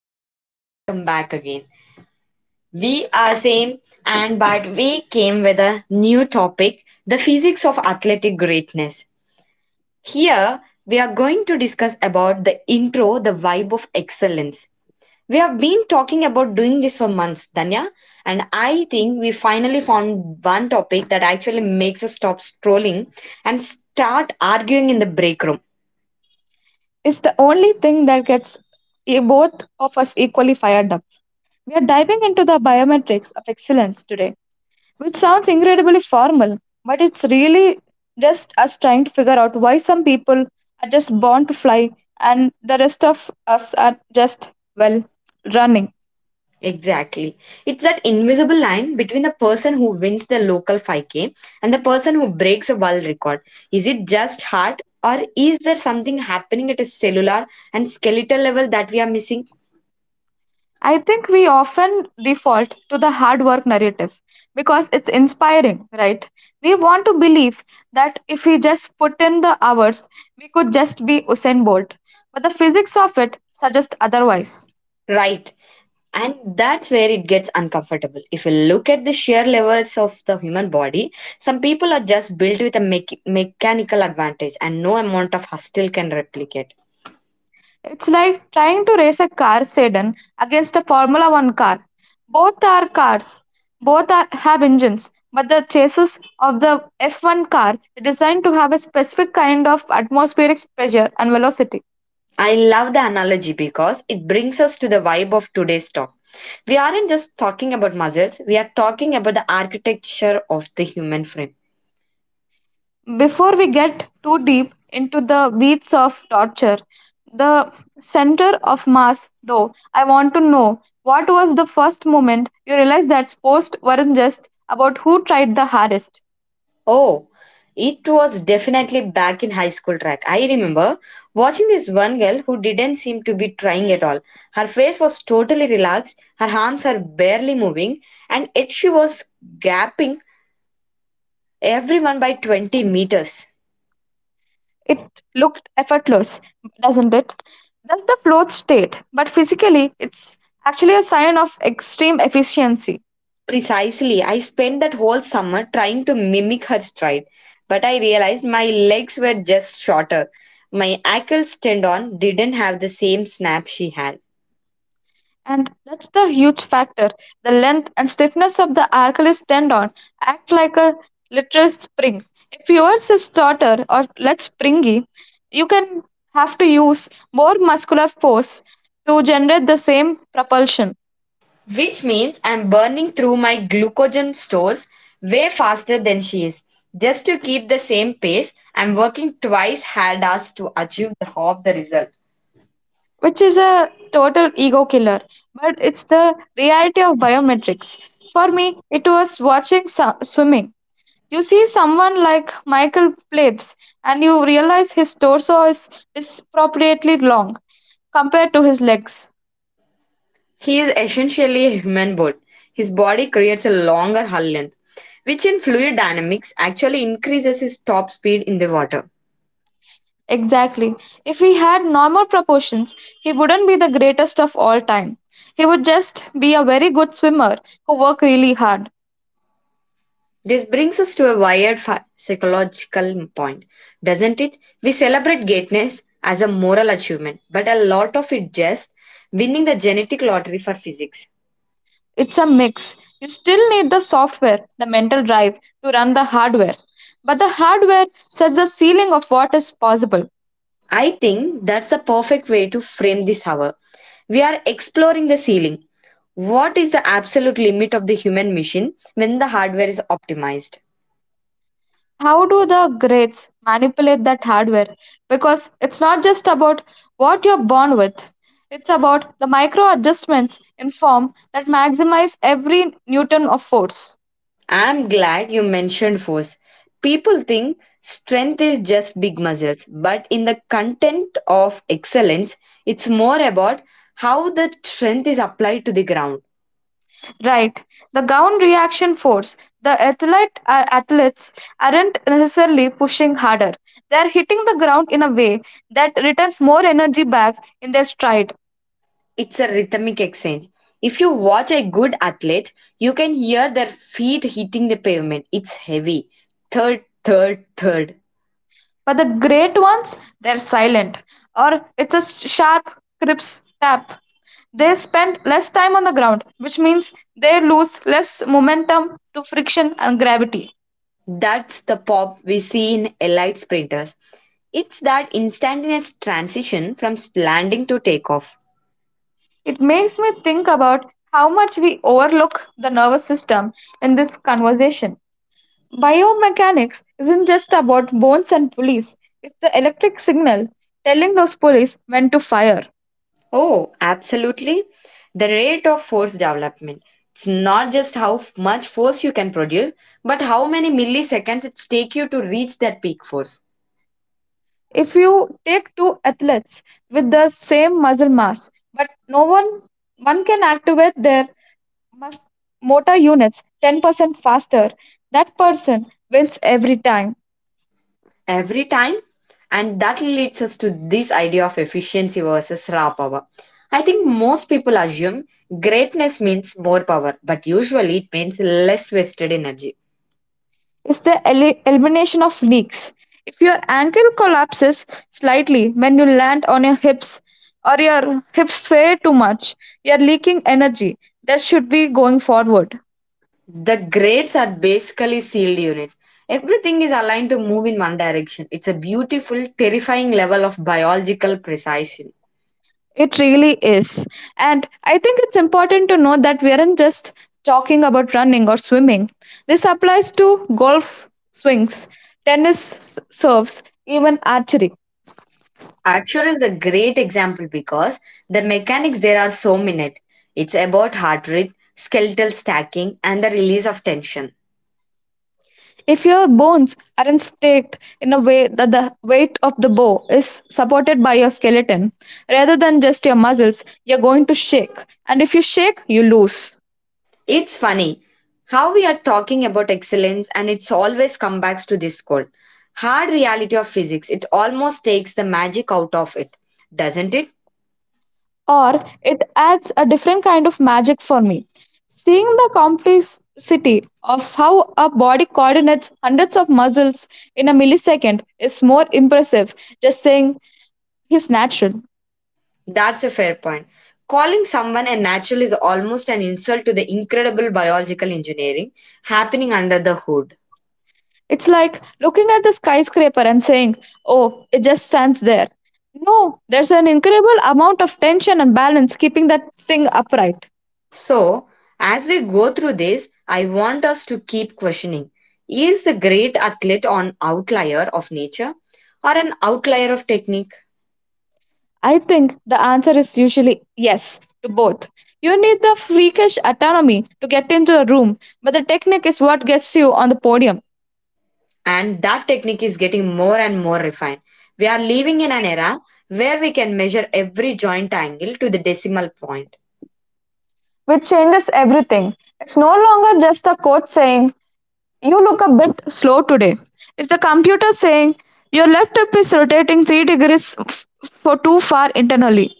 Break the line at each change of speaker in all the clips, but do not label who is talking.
and welcome back again. We are same, and but we came with a new topic: the physics of athletic greatness. Here, we are going to discuss about the intro, the vibe of excellence. We have been talking about doing this for months, Danya, and I think we finally found one topic that actually makes us stop strolling and start arguing in the break room.
It's the only thing that gets both of us equally fired up. We are diving into the biometrics of excellence today, which sounds incredibly formal, but it's really just us trying to figure out why some people are just born to fly and the rest of us are just, well, running.
Exactly. It's that invisible line between the person who wins the local 5K and the person who breaks a world record. Is it just heart, or is there something happening at a cellular and skeletal level that we are missing?
I think we often default to the hard work narrative because it's inspiring, right? We want to believe that if we just put in the hours, we could just be Usain Bolt. But the physics of it suggests otherwise.
Right. And that's where it gets uncomfortable. If you look at the sheer levels of the human body, some people are just built with a mechanical advantage, and no amount of hustle can replicate.
It's like trying to race a car sedan against a Formula One car. Both are cars, have engines, but the chassis of the F1 car is designed to have a specific kind of atmospheric pressure and velocity.
I love the analogy because it brings us to the vibe of today's talk. We aren't just talking about muscles, we are talking about the architecture of the human frame.
Before we get too deep into the weeds of torture, the center of mass, though, I want to know what was the first moment you realized that sports weren't just about who tried the hardest?
Oh, it was definitely back in high school track. I remember watching this one girl who didn't seem to be trying at all. Her face was totally relaxed, her arms are barely moving, and yet she was gapping everyone by 20 meters.
It looked effortless, doesn't it? That's the float state, but physically, it's actually a sign of extreme efficiency.
Precisely. I spent that whole summer trying to mimic her stride, but I realized my legs were just shorter. My Achilles tendon didn't have the same snap she had,
And that's the huge factor. The length and stiffness of the Achilles tendon act like a literal spring. If yours is tauter or less springy, you can have to use more muscular force to generate the same propulsion,
which means I'm burning through my glucogen stores way faster than she is. Just to keep the same pace, I'm working twice hard as to achieve the half the result.
which is a total ego killer. But it's the reality of biometrics. For me, it was watching swimming. You see someone like Michael Phelps, and you realize his torso is disproportionately long compared to his legs.
He is essentially a human bird. His body creates a longer hull length, which in fluid dynamics actually increases his top speed in the water.
Exactly. If he had normal proportions, he wouldn't be the greatest of all time. He would just be a very good swimmer who worked really hard.
This brings us to a wired psychological point, doesn't it? We celebrate greatness as a moral achievement, but a lot of it just winning the genetic lottery for physics.
It's a mix. You still need the software, the mental drive to run the hardware. But the hardware sets the ceiling of what is possible.
I think that's the perfect way to frame this hour. We are exploring the ceiling. What is the absolute limit of the human machine when the hardware is optimized?
How do the grades manipulate that hardware? Because it's not just about what you're born with, it's about the micro adjustments in form that maximize every newton of force.
I'm glad you mentioned force. People think strength is just big muscles, but in the content of excellence, it's more about how the strength is applied to the ground.
Right, the gown reaction force. The athlete athletes aren't necessarily pushing harder. They are hitting the ground in a way that returns more energy back in their stride.
It's a rhythmic exchange. If you watch a good athlete, you can hear their feet hitting the pavement. It's heavy. Third, third, third.
But the great ones, they're silent, or it's a sharp crisp tap. They spend less time on the ground, which means they lose less momentum to friction and gravity.
That's the pop we see in elite sprinters. It's that instantaneous transition from landing to takeoff.
It makes me think about how much we overlook the nervous system in this conversation. Biomechanics isn't just about bones and pulleys, it's the electric signal telling those pulleys when to fire.
Oh, absolutely. The rate of force development. It's not just how much force you can produce, but how many milliseconds it take you to reach that peak force
If you take two athletes with the same muscle mass, but no one one can activate their mus- motor units 10% faster, that person wins every time.
every time. And that leads us to this idea of efficiency versus raw power. I think most people assume greatness means more power, but usually it means less wasted energy.
It's the elimination of leaks. If your ankle collapses slightly when you land on your hips or your hips sway too much, you are leaking energy that should be going forward.
The grades are basically sealed units. Everything is aligned to move in one direction. It's a beautiful, terrifying level of biological precision.
It really is. And I think it's important to note that we aren't just talking about running or swimming. This applies to golf swings, tennis serves, even archery.
Archer is a great example because the mechanics there are so minute. It's about heart rate, skeletal stacking, and the release of tension.
If your bones aren't staked in a way that the weight of the bow is supported by your skeleton rather than just your muscles, you're going to shake. And if you shake, you lose.
It's funny how we are talking about excellence and it's always come back to this cold, hard reality of physics. It almost takes the magic out of it, doesn't it?
Or it adds a different kind of magic for me. Seeing the complexity of how a body coordinates hundreds of muscles in a millisecond is more impressive just saying he's natural.
That's a fair point. Calling someone a natural is almost an insult to the incredible biological engineering happening under the hood.
It's like looking at the skyscraper and saying, oh, it just stands there. No, there's an incredible amount of tension and balance keeping that thing upright.
So, as we go through this, I want us to keep questioning, is the great athlete an outlier of nature or an outlier of technique?
I think the answer is usually yes to both. You need the freakish autonomy to get into the room, but the technique is what gets you on the podium,
And that technique is getting more and more refined. We are living in an era where we can measure every joint angle to the decimal point.
which changes everything. It's no longer just the coach saying, you look a bit slow today. It's the computer saying, your left hip is rotating 3 degrees for too far internally.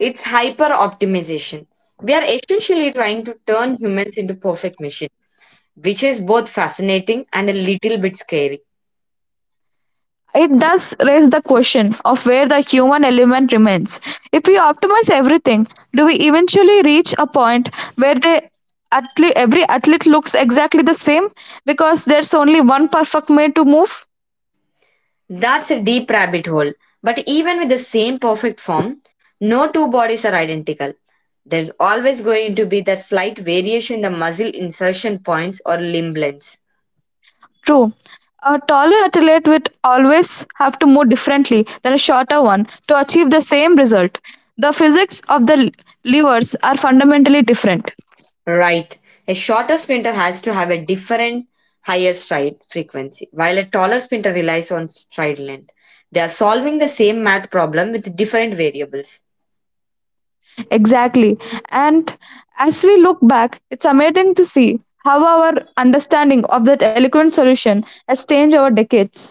It's hyper optimization. We are essentially trying to turn humans into perfect machines, which is both fascinating and a little bit scary.
It does raise the question of where the human element remains. If we optimize everything, do we eventually reach a point where they every athlete looks exactly the same because there's only one perfect way to move?
That's a deep rabbit hole. But even with the same perfect form, no two bodies are identical. There's always going to be that slight variation in the muscle insertion points or limb lengths.
True. A taller athlete would always have to move differently than a shorter one to achieve the same result. The physics of the levers are fundamentally different.
Right. A shorter sprinter has to have a different higher stride frequency, while a taller sprinter relies on stride length. They are solving the same math problem with different variables.
Exactly. And as we look back, it's amazing to see how our understanding of that eloquent solution has changed over decades.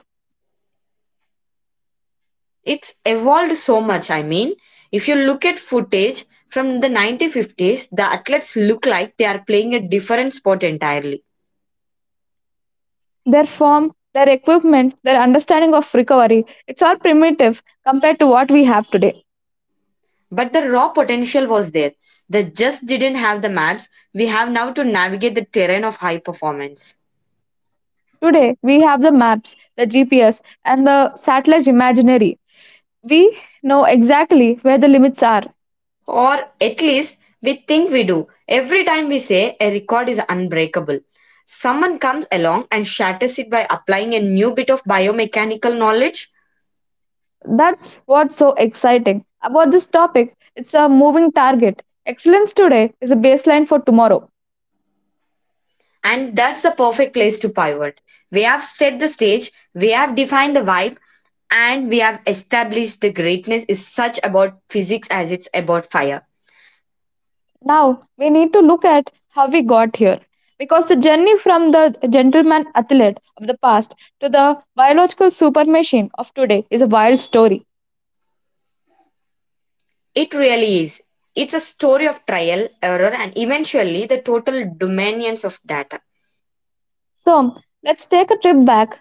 It's evolved so much. I mean, if you look at footage from the 1950s, the athletes look like they are playing a different sport entirely.
Their form, their equipment, their understanding of recovery, it's all primitive compared to what we have today.
But the raw potential was there. They just didn't have the maps we have now to navigate the terrain of high performance.
Today, we have the maps, the GPS, and the satellite imaginary. We know exactly where the limits are.
Or at least we think we do. Every time we say a record is unbreakable, someone comes along and shatters it by applying a new bit of biomechanical knowledge,
That's what's so exciting about this topic. It's a moving target. Excellence today is a baseline for tomorrow.
and that's the perfect place to pivot. We have set the stage, we have defined the vibe, and we have established the greatness is such about physics as it's about fire.
Now we need to look at how we got here, because the journey from the gentleman athlete of the past to the biological super machine of today is a wild story.
It really is. It's a story of trial, error, and eventually the total dominions of data.
So let's take a trip back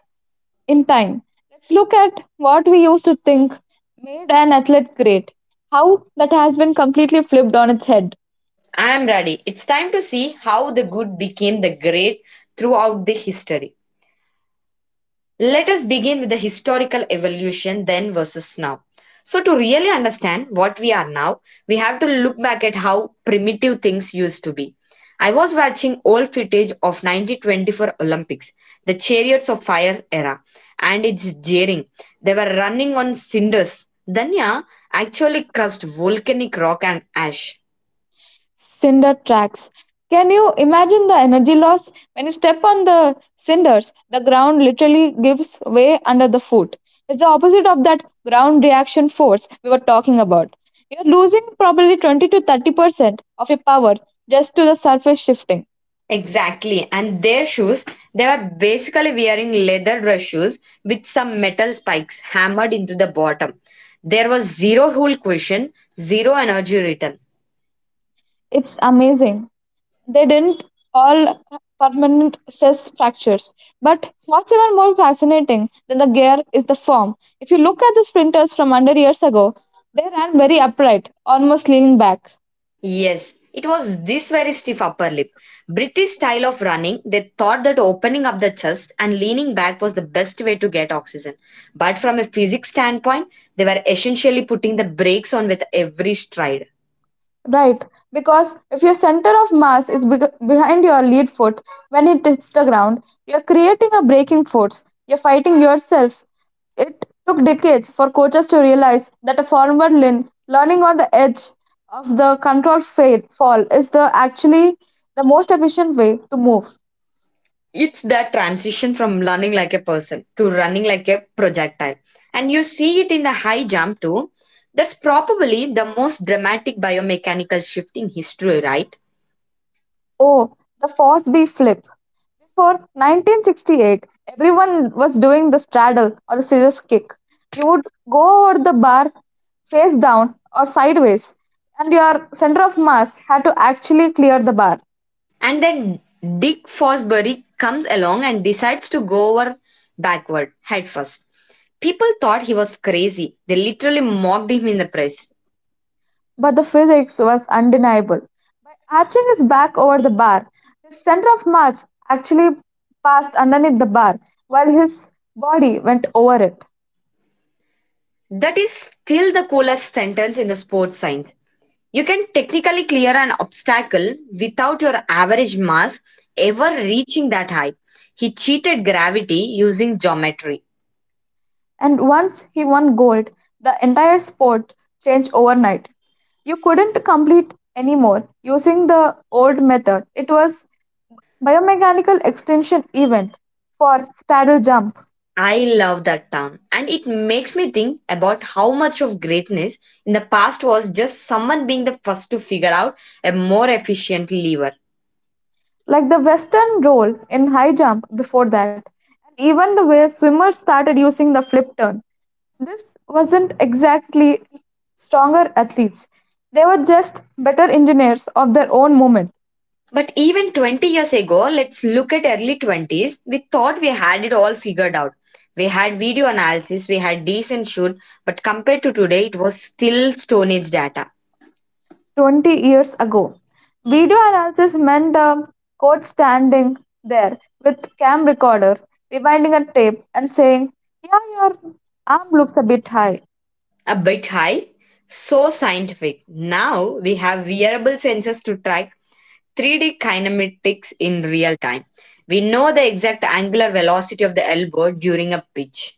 in time. Let's look at what we used to think made an athlete great, how that has been completely flipped on its head.
I am ready. It's time to see how the good became the great throughout the history. Let us begin with the historical evolution then versus now. So, to really understand what we are now, we have to look back at how primitive things used to be. I was watching old footage of 1924 Olympics, the Chariots of Fire era, and it's jeering. They were running on cinders. Danya actually crushed volcanic rock and ash.
Cinder tracks. Can you imagine the energy loss? When you step on the cinders, the ground literally gives way under the foot. It's the opposite of that ground reaction force we were talking about. You're losing probably 20 to 30% of your power just to the surface shifting.
Exactly. And their shoes, they were basically wearing leather dress shoes with some metal spikes hammered into the bottom. There was zero hull cushion, zero energy return.
It's amazing they didn't all permanent stress fractures. But what's even more fascinating than the gear is the form. If you look at the sprinters from 100 years ago, they ran very upright, almost leaning back.
Yes, it was this very stiff upper lip. British style of running, they thought that opening up the chest and leaning back was the best way to get oxygen. But from a physics standpoint, they were essentially putting the brakes on with every stride.
Right, because if your center of mass is beg behind your lead foot when it hits the ground, you're creating a braking force. You're fighting yourselves. It took decades for coaches to realize that a forward lean, learning on the edge of the controlled fail, fall, is the actually the most efficient way to move.
It's that transition from learning like a person to running like a projectile, and you see it in the high jump too. That's probably the most dramatic biomechanical shift in history, right?
Oh, the force B flip. Before 1968, everyone was doing the straddle or the scissors kick. You would go over the bar face down or sideways, and your center of mass had to actually clear the bar.
And then Dick Fosbury comes along and decides to go over backward headfirst. People thought he was crazy. They literally mocked him in the press.
But the physics was undeniable. By arching his back over the bar, his center of mass actually passed underneath the bar while his body went over it.
That is still the coolest sentence in the sports science. You can technically clear an obstacle without your average mass ever reaching that height. He cheated gravity using geometry.
And once he won gold, the entire sport changed overnight. You couldn't complete anymore using the old method. It was biomechanical extension event for straddle jump,
I love that term, and it makes me think about how much of greatness in the past was just someone being the first to figure out a more efficient lever.
like the western roll in high jump before that. And even the way swimmers started using the flip turn. This wasn't exactly stronger athletes. They were just better engineers of their own moment.
But even 20 years ago, let's look at early 20s, we thought we had it all figured out. We had video analysis, we had decent shoot, but compared to today, it was still Stone Age data.
20 years ago. Video analysis meant a coach standing there with cam recorder, rewinding a tape and saying, "Yeah, your arm looks a bit high,"
A bit high. So scientific. Now we have wearable sensors to track 3D kinematics in real time. We know the exact angular velocity of the elbow during a pitch.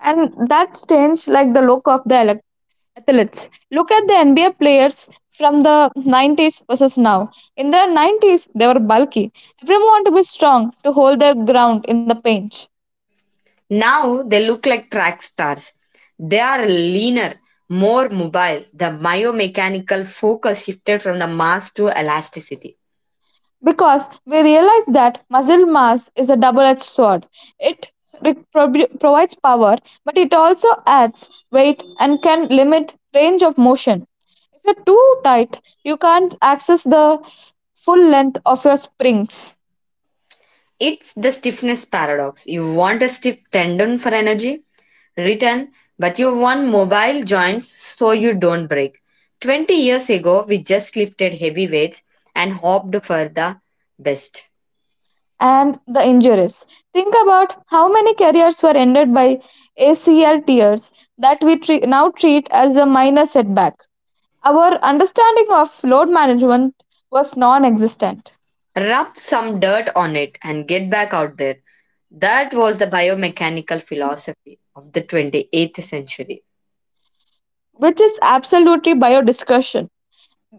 and that's changed like the look of the athletes. Look at the NBA players from the 90s versus now. In the 90s, they were bulky. Everyone wanted to be strong to hold their ground in the paint.
Now they look like track stars. They are leaner, more mobile. The myomechanical focus shifted from the mass to elasticity.
Because we realize that muscle mass is a double-edged sword. It provides power, but it also adds weight and can limit range of motion. If you're too tight, you can't access the full length of your springs
It's the stiffness paradox. You want a stiff tendon for energy, written, but you want mobile joints so you don't break. 20 years ago, we just lifted heavy weights and hoped for the best.
and the injuries. Think about how many careers were ended by ACL tears that we now treat as a minor setback. Our understanding of load management was non existent,
Rub some dirt on it and get back out there. That was the biomechanical philosophy of the 28th century.
which is absolutely biodiscussion.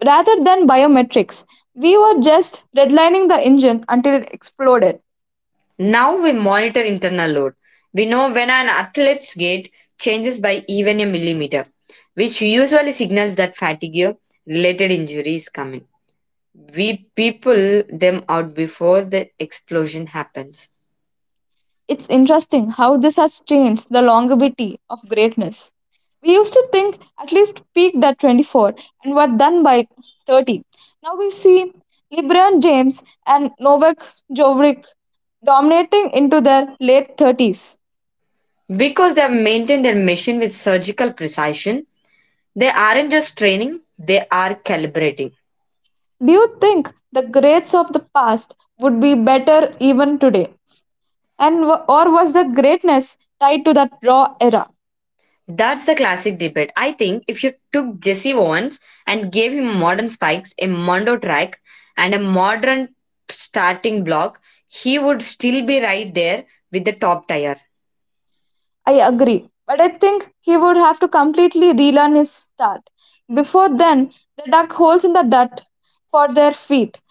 Rather than biometrics, we were just redlining the engine until it exploded.
Now we monitor internal load. We know when an athlete's gait changes by even a millimeter, which usually signals that fatigue related injury is coming. We people them out before the explosion happens.
It's interesting how this has changed the longevity of greatness. We used to think at least peaked at 24 and were done by 30. Now we see LeBron James and Novak Djokovic dominating into their late 30s.
Because they have maintained their machine with surgical precision, they aren't just training, they are calibrating.
Do you think the greats of the past would be better even today? Or was the greatness tied to that raw era?
That's the classic debate. I think if you took Jesse Owens and gave him modern spikes, a mondo track, and a modern starting block, he would still be right there with the top tier.
I agree, but I think he would have to completely relearn his start. Before then, they dug holes in the dirt for their feet.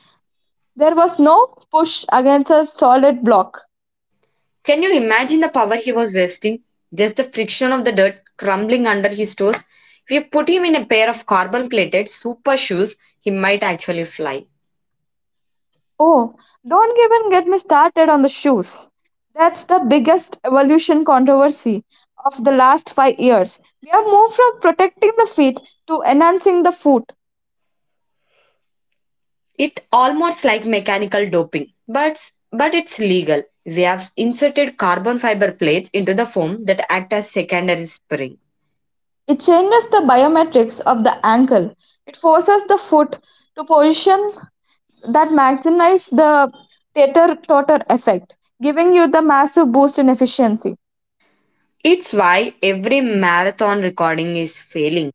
There was no push against a solid block.
Can you imagine the power he was wasting? Just the friction of the dirt crumbling under his toes. If you put him in a pair of carbon plated super shoes, he might actually fly.
Oh, don't even get me started on the shoes. That's the biggest evolution controversy of the last 5 years. We have moved from protecting the feet to enhancing the foot.
It almost like mechanical doping, but it's legal. We have inserted carbon fiber plates into the foam that act as secondary spring.
It changes the biometrics of the ankle; it forces the foot to position that maximizes the tater-totter effect, giving you the massive boost in efficiency.
It's why every marathon recording is failing.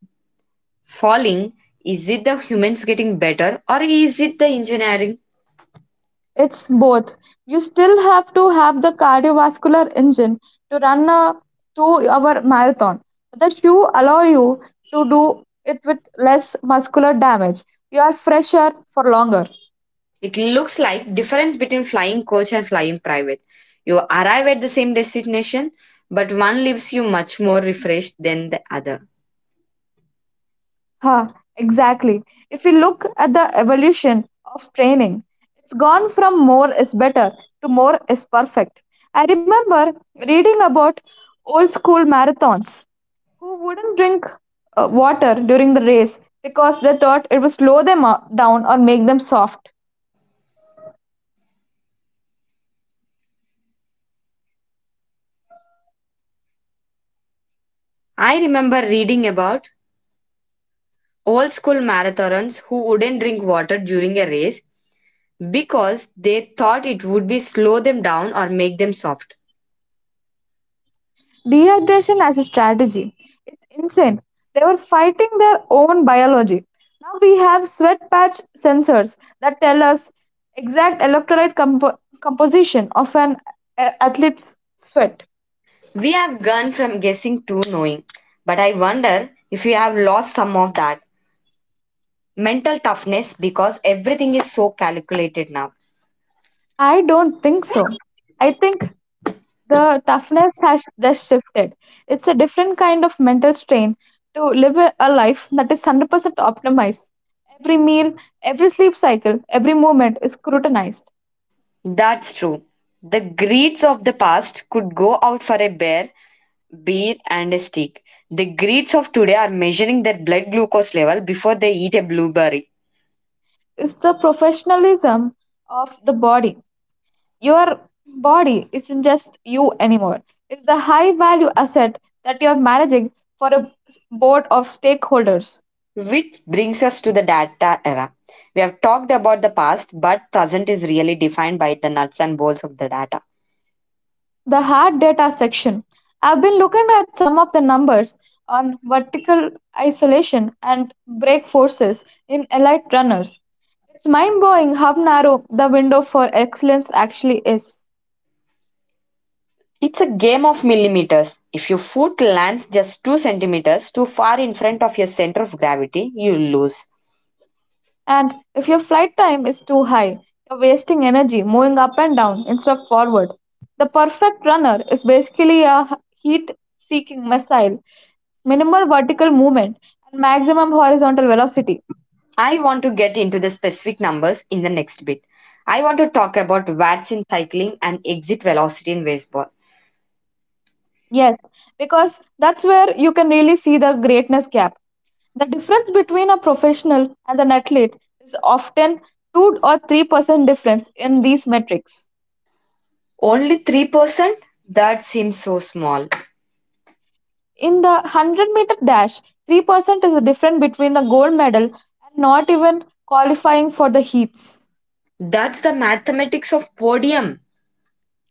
Falling, is it the humans getting better or is it the engineering?
It's both. You still have to have the cardiovascular engine to run a 2-hour marathon, the shoe allow you to do it with less muscular damage. You are fresher for longer.
It looks like difference between flying coach and flying private. You arrive at the same destination, but one leaves you much more refreshed than the other.
Huh, exactly. If we look at the evolution of training, it's gone from more is better to more is perfect. I remember reading about old school marathons who wouldn't drink water during the race because they thought it would slow them down or make them soft.
I remember reading about old school marathoners who wouldn't drink water during a race because they thought it would be slow them down or make them soft.
Dehydration as a strategy. It's insane. They were fighting their own biology. Now we have sweat patch sensors that tell us exact electrolyte composition of an athlete's sweat.
We have gone from guessing to knowing, but I wonder if we have lost some of that mental toughness because everything is so calculated now.
I don't think so. I think the toughness has just shifted. It's a different kind of mental strain to live a life that is 100% optimized. Every meal, every sleep cycle, every moment is scrutinized.
That's true. The greeds of the past could go out for a bear, beer, and a steak. The greeds of today are measuring their blood glucose level before they eat a blueberry.
Is the professionalism of the body. Your body isn't just you anymore, it's the high value asset that you're managing for a board of stakeholders.
Which brings us to the data era. We have talked about the past, but present is really defined by the nuts and bolts of the data.
The hard data section. I've been looking at some of the numbers on vertical isolation and brake forces in elite runners. It's mind blowing how narrow the window for excellence actually is.
It's a game of millimeters. If your foot lands just 2 centimeters too far in front of your center of gravity, you lose.
And if your flight time is too high, you're wasting energy moving up and down instead of forward. The perfect runner is basically a heat seeking missile, minimal vertical movement and maximum horizontal velocity.
I want to get into the specific numbers in the next bit. I want to talk about watts in cycling and exit velocity in baseball.
Yes, because that's where you can really see the greatness gap. The difference between a professional and an athlete is often 2 or 3% difference in these metrics.
Only 3%? That seems so small.
In the 100-meter dash, 3% is the difference between the gold medal and not even qualifying for the heats.
That's the mathematics of podium.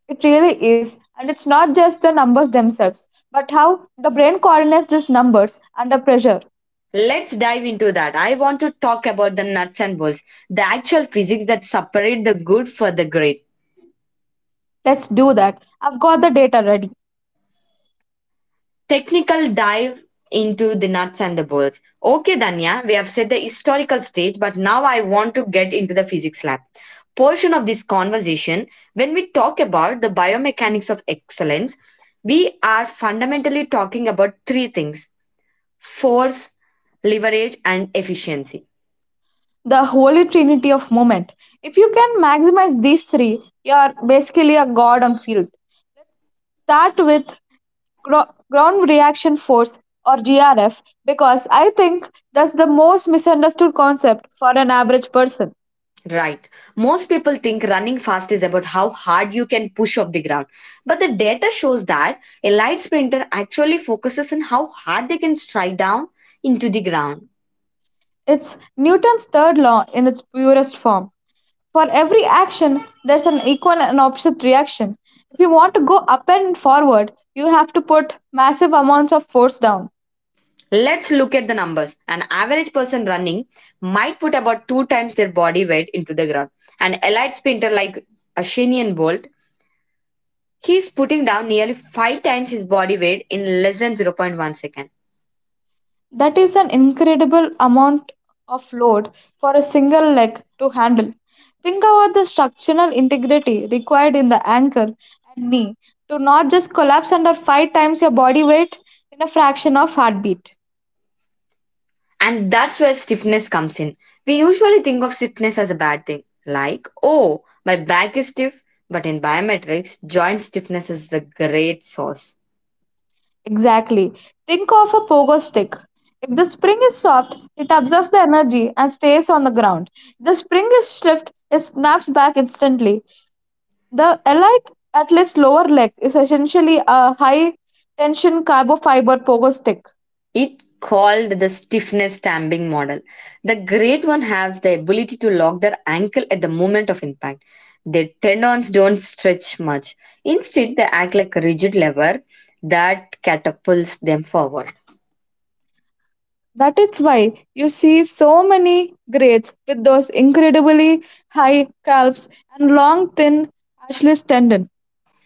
It really is, and it's not just the numbers themselves, but how the brain coordinates these numbers under pressure.
Let's dive into that. I want to talk about the nuts and bolts, the actual physics that separate the good for the great.
Let's do that. I've got the data ready.
Technical dive into the nuts and the bolts. Okay, Danya, we have set the historical stage, but now I want to get into the physics lab portion of this conversation. When we talk about the biomechanics of excellence, we are fundamentally talking about three things: force, leverage, and efficiency.
The holy trinity of movement. If you can maximize these three, you are basically a god on field. Start with ground reaction force, or grf, because I think that's the most misunderstood concept for an average person.
Right. Most people think running fast is about how hard you can push off the ground. But the data shows that a light sprinter actually focuses on how hard they can strike down into the ground.
It's Newton's third law in its purest form. For every action there's an equal and opposite reaction. If you want to go up and forward, you have to put massive amounts of force down.
Let's look at the numbers. An average person running might put about 2 times their body weight into the ground. An elite sprinter like Ashinian Bolt, he's putting down nearly 5 times his body weight in less than zero point 0.1 second.
That is an incredible amount of load for a single leg to handle. Think about the structural integrity required in the ankle and knee to not just collapse under five times your body weight in a fraction of heartbeat.
And that's where stiffness comes in. We usually think of stiffness as a bad thing, like, oh, my back is stiff. But in biometrics, joint stiffness is the great source.
Exactly. Think of a pogo stick. If the spring is soft, it absorbs the energy and stays on the ground. If the spring is stiff, it snaps back instantly. The allied athlete's lower leg is essentially a high-tension carbon-fiber pogo stick.
It called the stiffness stamping model. The great one has the ability to lock their ankle at the moment of impact. Their tendons don't stretch much. Instead, they act like a rigid lever that catapults them forward.
That is why you see so many greats with those incredibly high calves and long, thin Achilles tendon.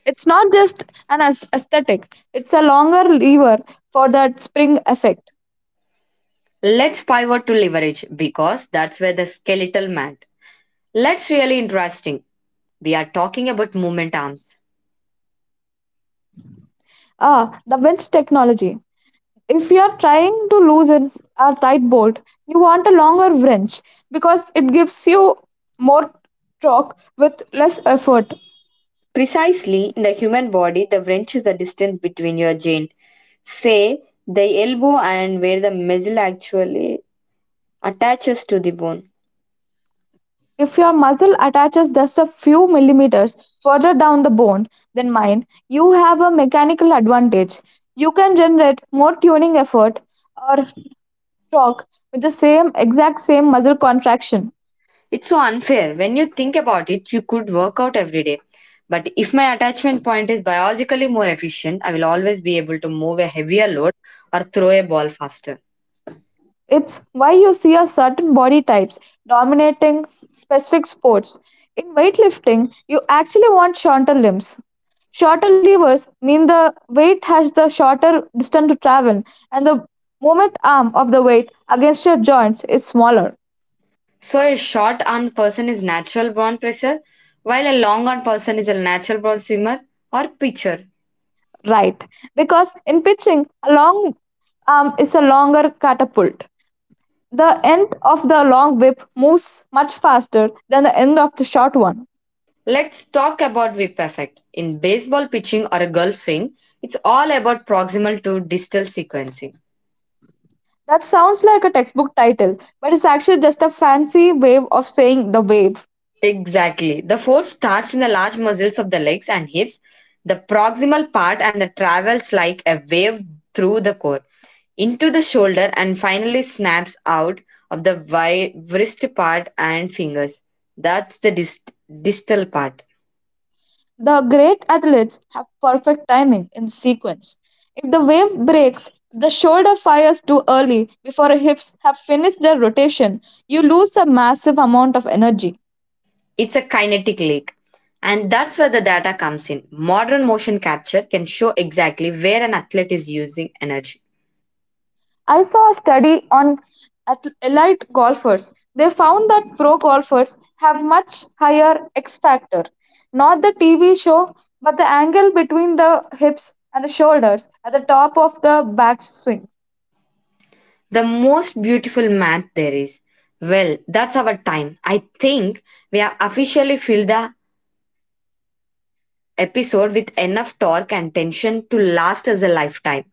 It's not just an aesthetic, it's a longer lever for that spring effect.
Let's pivot to leverage because that's where the skeletal mat— that's really interesting. We are talking about movement arms.
Ah, the winch technology. If you're trying to loosen a tight bolt, you want a longer wrench because it gives you more torque with less effort.
Precisely, in the human body, the wrench is the distance between your joint, say the elbow, and where the muscle actually attaches to the bone.
If your muscle attaches just a few millimeters further down the bone than mine, you have a mechanical advantage. You can generate more tuning effort, or torque, with the same exact same muscle contraction.
It's so unfair. When you think about it, you could work out every day. But if my attachment point is biologically more efficient, I will always be able to move a heavier load or throw a ball faster.
It's why you see a certain body types dominating specific sports. In weightlifting, you actually want shorter limbs. Shorter levers mean the weight has the shorter distance to travel and the moment arm of the weight against your joints is smaller,
So a short armed person is natural born presser, while a long armed person is a natural born swimmer or pitcher.
right? Because in pitching, a long arm is a longer catapult. The end of the long whip moves much faster than the end of the short one.
Let's talk about whip effect. In baseball pitching or golfing, it's all about proximal to distal sequencing.
That sounds like a textbook title, but it's actually just a fancy way of saying the wave.
Exactly. The force starts in the large muscles of the legs and hips. The proximal part and the travels like a wave through the core, into the shoulder and finally snaps out of the wrist part and fingers. That's the distal part.
The great athletes have perfect timing in sequence. If the wave breaks, the shoulder fires too early before the hips have finished their rotation, you lose a massive amount of energy.
It's a kinetic lake. And that's where the data comes in. Modern motion capture can show exactly where an athlete is using energy.
I saw a study on elite golfers. They found that pro golfers have much higher X factor. Not the TV show, but the angle between the hips and the shoulders at the top of the backswing.
The most beautiful math there is. Well, that's our time. I think we have officially filled the episode with enough torque and tension to last us a lifetime.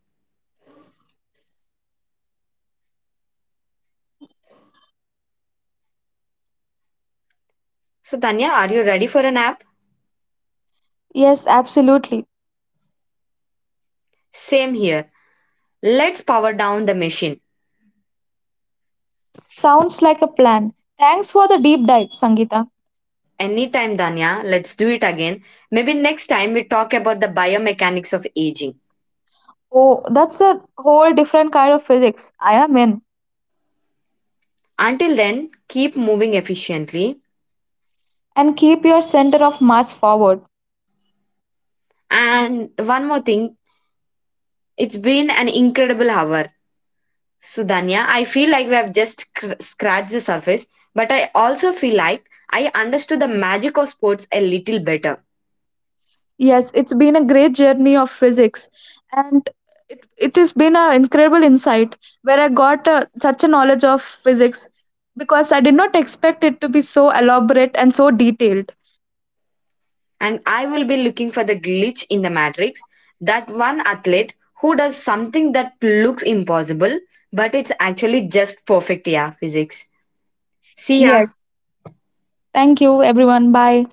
So, Tanya, are you ready for a nap?
Yes, absolutely.
Same here. Let's power down the machine.
Sounds like a plan. Thanks for the deep dive, Sangeeta.
Anytime, Danya, let's do it again. Maybe next time we talk about the biomechanics of aging.
Oh, that's a whole different kind of physics. I am in.
Until then, keep moving efficiently.
And keep your center of mass forward.
And one more thing, it's been an incredible hour. So, Danya, I feel like we have just scratched the surface, but I also feel like I understood the magic of sports a little better.
Yes, it's been a great journey of physics, and it has been an incredible insight where I got such a knowledge of physics because I did not expect it to be so elaborate and so detailed.
And I will be looking for the glitch in the matrix, that one athlete who does something that looks impossible, but it's actually just perfect, yeah, physics. See ya.
Yes, thank you, everyone. Bye.